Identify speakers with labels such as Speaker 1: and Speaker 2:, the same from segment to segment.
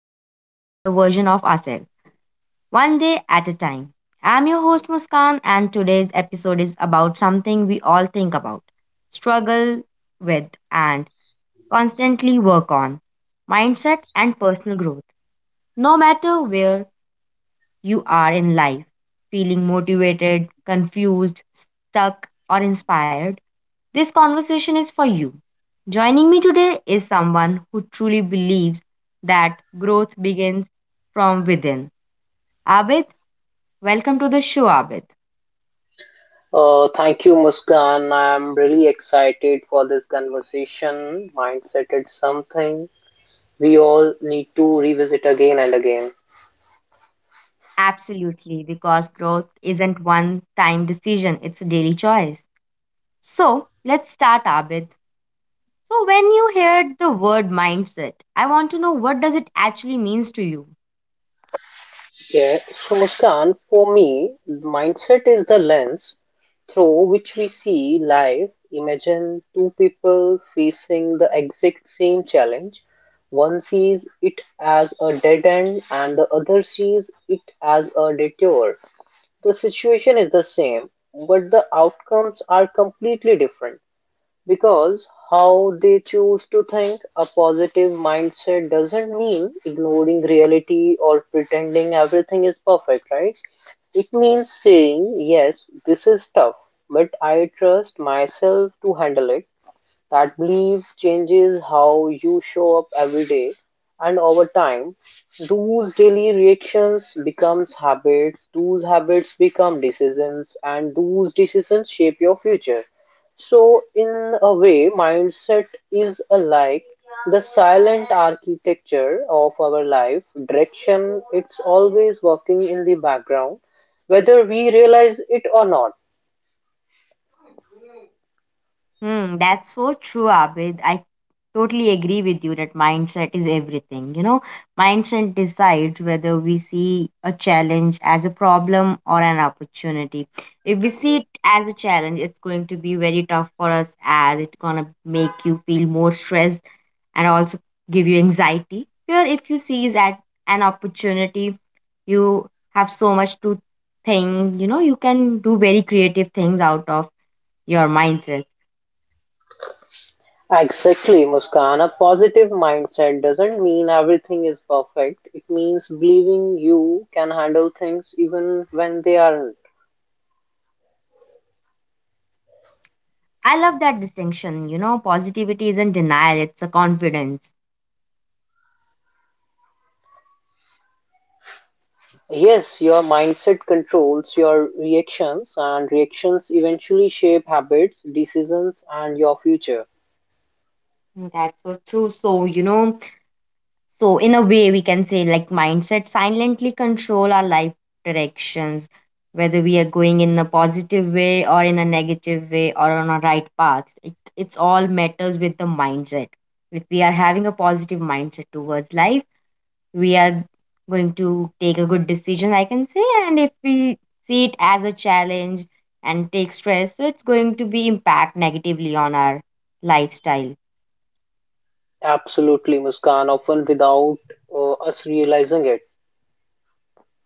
Speaker 1: and becoming better version of ourselves, one day at a time. I'm your host, Muskan, and today's episode is about something we all think about, struggle with, and constantly work on mindset and personal growth. No matter where you are in life, feeling motivated, confused, stuck, or inspired, this conversation is for you. Joining me today is someone who truly believes that growth begins from within. Abid, welcome to the show, Abid.
Speaker 2: Thank you, Muskan. I'm really excited for this conversation. Mindset is something we all need to revisit again and again.
Speaker 1: Absolutely, because growth isn't one time decision, it's a daily choice. So let's start, Abid. So when you heard the word mindset, I want to know what does it actually means to you?
Speaker 2: Yeah. So, Muskan, for me, mindset is the lens through which we see life. Imagine two people facing the exact same challenge. One sees it as a dead end, and the other sees it as a detour. The situation is the same, but the outcomes are completely different because how they choose to think a positive mindset doesn't mean ignoring reality or pretending everything is perfect, right? It means saying, yes, this is tough, but I trust myself to handle it. That belief changes how you show up every day, and over time, those daily reactions becomes habits, those habits become decisions, and those decisions shape your future. So, in a way, mindset is alike the silent architecture of our life, direction, it's always working in the background, whether we realize it or not.
Speaker 1: That's so true, Abid. I totally agree with you that mindset is everything. Mindset decides whether we see a challenge as a problem or an opportunity. If we see it as a challenge, it's going to be very tough for us as it's going to make you feel more stressed, and also give you anxiety. Here, if you see is at an opportunity, you have so much to think, you can do very creative things out of your mindset.
Speaker 2: Exactly, Muskan. A positive mindset doesn't mean everything is perfect. It means believing you can handle things even when they aren't.
Speaker 1: I love that distinction. You know, positivity isn't denial, it's a confidence.
Speaker 2: Yes, your mindset controls your reactions, and reactions eventually shape habits, decisions, and your future.
Speaker 1: That's so true. So, so in a way, we can say like mindset silently control our life directions, whether we are going in a positive way or in a negative way or on a right path. It's all matters with the mindset. If we are having a positive mindset towards life, we are going to take a good decision, I can say. And if we see it as a challenge and take stress, so it's going to be impact negatively on our lifestyle.
Speaker 2: Absolutely, Muskan, often without us realizing it.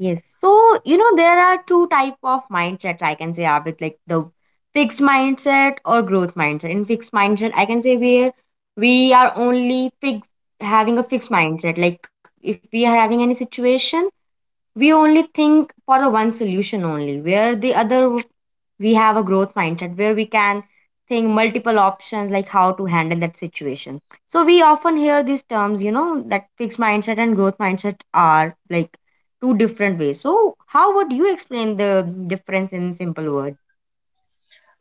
Speaker 1: Yes. So, there are two type of mindsets I can say are with like the fixed mindset or growth mindset. In fixed mindset, I can say we are only fixed having a fixed mindset. Like if we are having any situation, we only think for the one solution only, where the other we have a growth mindset where we can think multiple options like how to handle that situation. So we often hear these terms, that fixed mindset and growth mindset are like two different ways. So how would you explain the difference in simple words?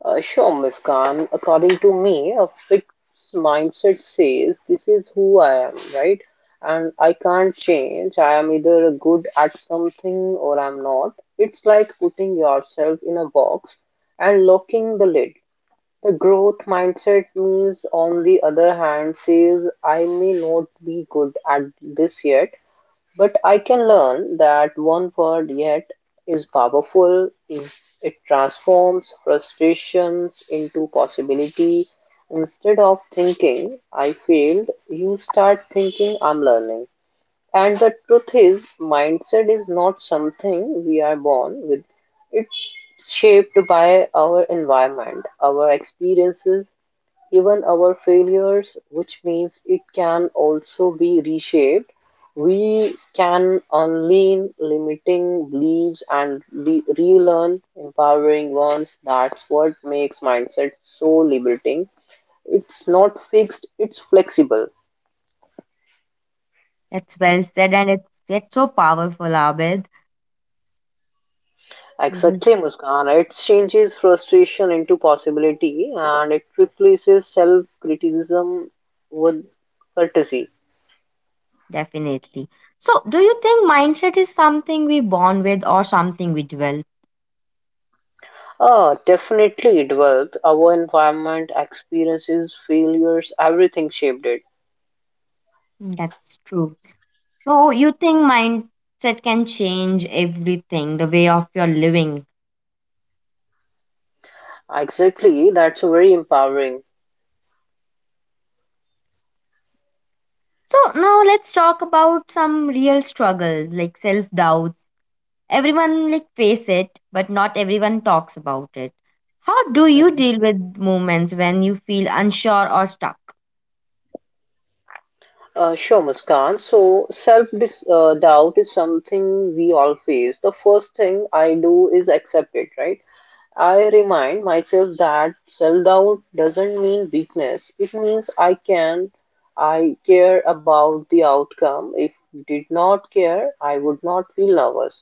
Speaker 2: Sure, Miss Khan. According to me, a fixed mindset says this is who I am, right? And I can't change. I am either good at something or I'm not. It's like putting yourself in a box and locking the lid. The growth mindset means, on the other hand, says I may not be good at this yet, but I can learn that one word yet is powerful if it transforms frustrations into possibility. Instead of thinking I failed, you start thinking I'm learning. And the truth is, mindset is not something we are born with. It's shaped by our environment, our experiences, even our failures, which means it can also be reshaped, we can unlearn limiting beliefs and relearn empowering ones. That's what makes mindset so liberating. It's not fixed, it's flexible.
Speaker 1: That's well said, and it's yet so powerful, Abed. This is
Speaker 2: Exactly, Muskan. It changes frustration into possibility and it replaces self criticism with courtesy.
Speaker 1: definitely. So do you think mindset is something we born with or something we develop?
Speaker 2: Oh, definitely it worked. Our environment, experiences, failures, everything shaped it.
Speaker 1: That's true. So you think mindset can change everything, the way of your living.
Speaker 2: Exactly, that's very empowering.
Speaker 1: So now let's talk about some real struggles like self-doubts. Everyone like face it, but not everyone talks about it. How do you
Speaker 2: Mhm.
Speaker 1: deal with moments when you feel unsure or stuck?
Speaker 2: Sure, Muskan. So, self doubt is something we all face. The first thing I do is accept it, right? I remind myself that self doubt doesn't mean weakness. It means I care about the outcome. If did not care, I would not feel nervous.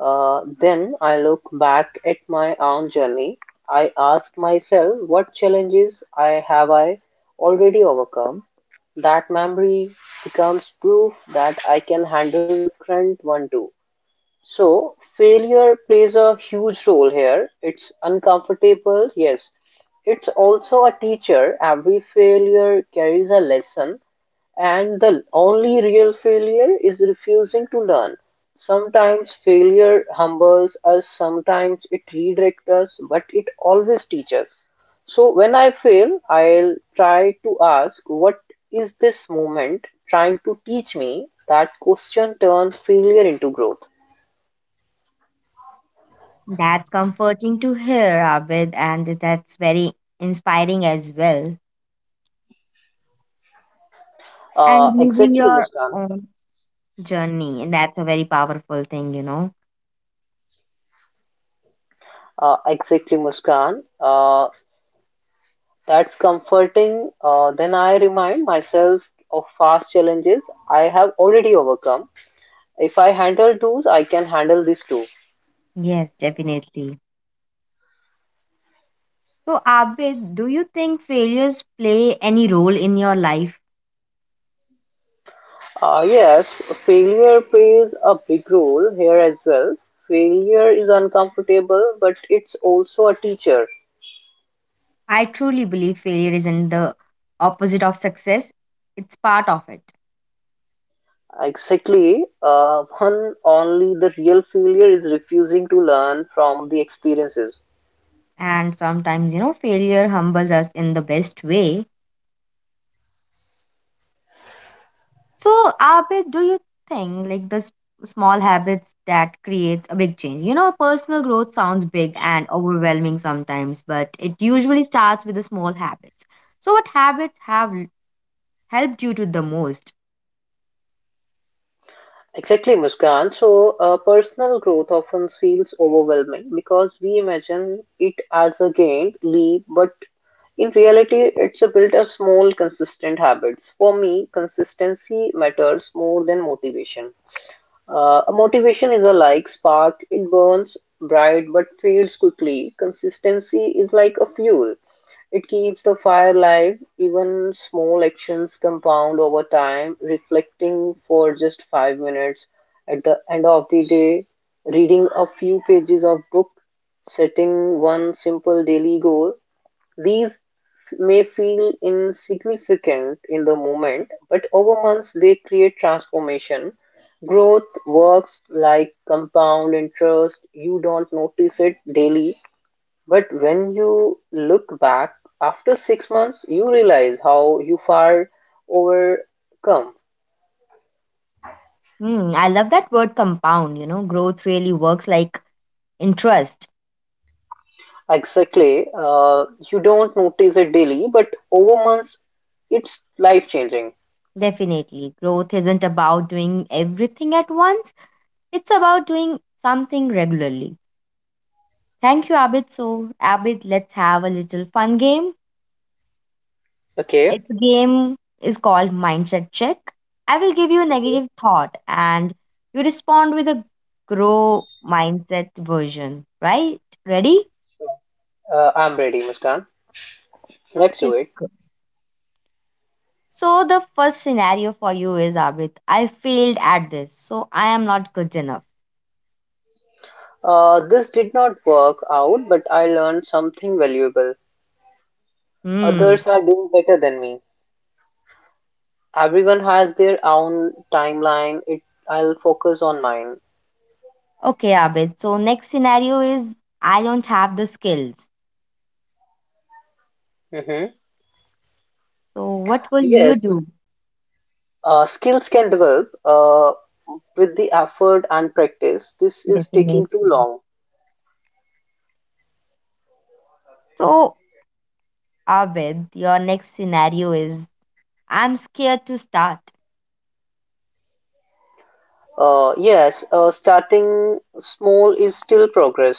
Speaker 2: Then I look back at my own journey. I ask myself what challenges I have I already overcome. That memory becomes proof that I can handle the current one too. So failure plays a huge role here. It's uncomfortable, yes. It's also a teacher. Every failure carries a lesson and the only real failure is refusing to learn. Sometimes failure humbles us, sometimes it redirects us, but it always teaches. So when I fail, I'll try to ask, what is this moment trying to teach me? That question turns failure into growth.
Speaker 1: That's comforting to hear, Abid, and that's very inspiring as well.
Speaker 2: Uh,
Speaker 1: And using
Speaker 2: exactly,
Speaker 1: your
Speaker 2: Muskan.
Speaker 1: own journey, and that's a very powerful thing, you know.
Speaker 2: Exactly, Muskan. That's comforting. Then I remind myself of past challenges I have already overcome. If I handle those, I can handle this too.
Speaker 1: Yes, definitely. So, Abid, do you think failures play any role in your life?
Speaker 2: Yes, failure plays a big role here as well. Failure is uncomfortable, but it's also a teacher.
Speaker 1: I truly believe failure isn't the opposite of success, it's part of it.
Speaker 2: Exactly. One only the real failure is refusing to learn from the experiences.
Speaker 1: And sometimes, failure humbles us in the best way. So, Abid, do you think like the small habits that creates a big change? You know, personal growth sounds big and overwhelming sometimes, but it usually starts with the small habits. So, what habits have helped you to the most?
Speaker 2: Exactly, Muskan. So, personal growth often feels overwhelming because we imagine it as a gained leap, but in reality, it's a built of small, consistent habits. For me, consistency matters more than motivation. A motivation is a like spark, it burns bright but fades quickly. Consistency is like a fuel, it keeps the fire alive. Even small actions compound over time. Reflecting for just 5 minutes at the end of the day, reading a few pages of book, setting one simple daily goal, these may feel insignificant in the moment, but over months they create transformation. Growth works like compound interest. You don't notice it daily, but when you look back after 6 months, you realize how you far overcome.
Speaker 1: I love that word compound. You know, growth really works like interest.
Speaker 2: Exactly. You don't notice it daily, but over months, it's life changing.
Speaker 1: Definitely. Growth isn't about doing everything at once, it's about doing something regularly. Thank you, Abid. So, Abid, let's have a little fun game.
Speaker 2: Okay,
Speaker 1: Its game is called Mindset Check. I will give you a
Speaker 2: Okay.
Speaker 1: negative thought and you respond with a grow mindset version, right? Ready?
Speaker 2: uh, I'm ready, Muskan.
Speaker 1: So,
Speaker 2: Let's do
Speaker 1: let's
Speaker 2: it.
Speaker 1: go. So the first scenario for you is, Abid, I failed at this, so I am not good enough.
Speaker 2: This did not work out, but I learned something valuable.
Speaker 1: Hmm.
Speaker 2: Others are doing better than me. Everyone has their own timeline. I'll focus on mine.
Speaker 1: Okay, Abid. So next scenario is I don't have the skills.
Speaker 2: Hmm.
Speaker 1: So what will you
Speaker 2: Yes,
Speaker 1: do?
Speaker 2: uh, skills can develop with the effort and practice. This is taking
Speaker 1: Definitely.
Speaker 2: too long.
Speaker 1: So Abid, your next scenario is I'm scared to start.
Speaker 2: Yes, starting small is still progress.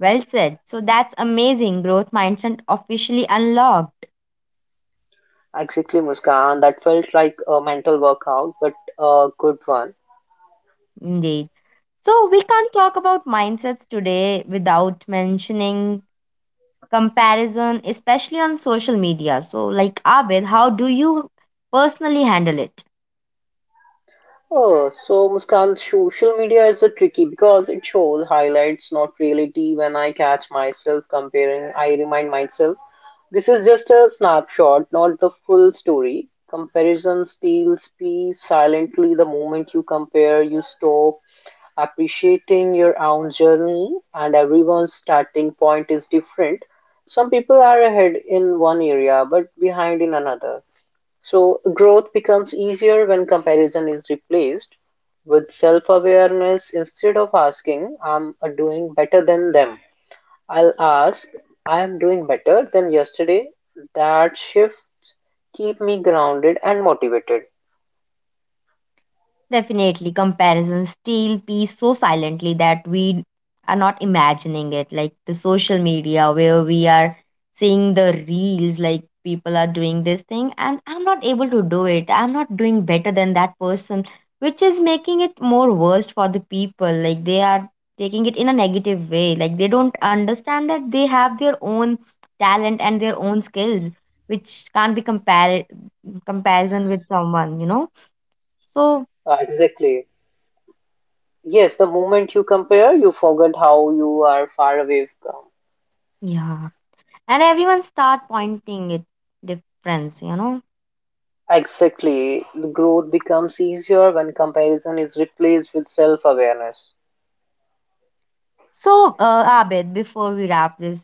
Speaker 1: Well said. So that's amazing. Growth mindset officially unlocked.
Speaker 2: Exactly, Muskan. That felt like a mental workout, but a good one.
Speaker 1: Indeed. So we can't talk about mindsets today without mentioning comparison, especially on social media. So, like, Abid, how do you personally handle it?
Speaker 2: Oh, so Muskan, social media is a tricky because it shows highlights, not reality. When I catch myself comparing, I remind myself this is just a snapshot, not the full story. Comparison steals peace silently. The moment you compare, you stop appreciating your own journey, and everyone's starting point is different. Some people are ahead in one area but behind in another. So growth becomes easier when comparison is replaced with self-awareness instead of asking I'm doing better than them. I'll ask I am doing better than yesterday. That shift keep me grounded and motivated.
Speaker 1: Definitely, comparison steal peace so silently that we are not imagining it. Like the social media, where we are seeing the reels, like people are doing this thing, and I'm not able to do it. I'm not doing better than that person, which is making it more worse for the people. Like they are taking it in a negative way. Like they don't understand that they have their own talent and their own skills, which can't be compared comparison with someone. So
Speaker 2: Exactly. Yes, the moment you compare, you forget how you are far away from.
Speaker 1: yeah. And everyone start pointing it difference, you know.
Speaker 2: Exactly. The growth becomes easier when comparison is replaced with self-awareness.
Speaker 1: So Abid, before we wrap this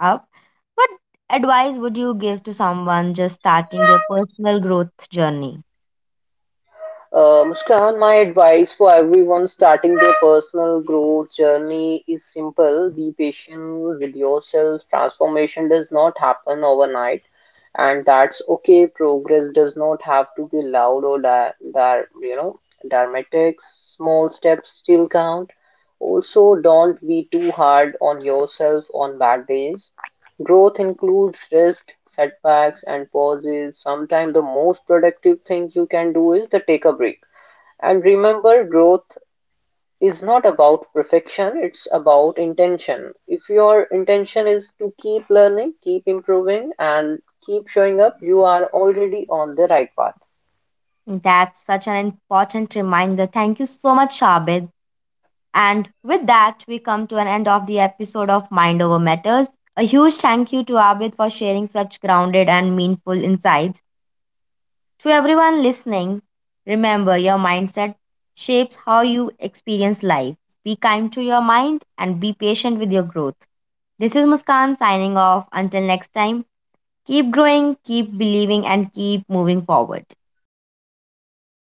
Speaker 1: up, what advice would you give to someone just starting their personal growth journey?
Speaker 2: Muskan, my advice for everyone starting their personal growth journey is simple. Be patient with yourself. Transformation does not happen overnight, and that's okay. Progress does not have to be loud or you know dramatic. Small steps still count. Also, don't be too hard on yourself on bad days. Growth includes risks, setbacks, and pauses. Sometimes the most productive thing you can do is to take a break. And remember, growth is not about perfection, it's about intention. If your intention is to keep learning, keep improving, and keep showing up, you are already on the right path.
Speaker 1: That's such an important reminder. Thank you so much, Abid. And with that, we come to an end of the episode of Mind Over Matters. A huge thank you to Abid for sharing such grounded and meaningful insights. To everyone listening, remember your mindset shapes how you experience life. Be kind to your mind and be patient with your growth. This is Muskan signing off. Until next time, keep growing, keep believing, and keep moving forward.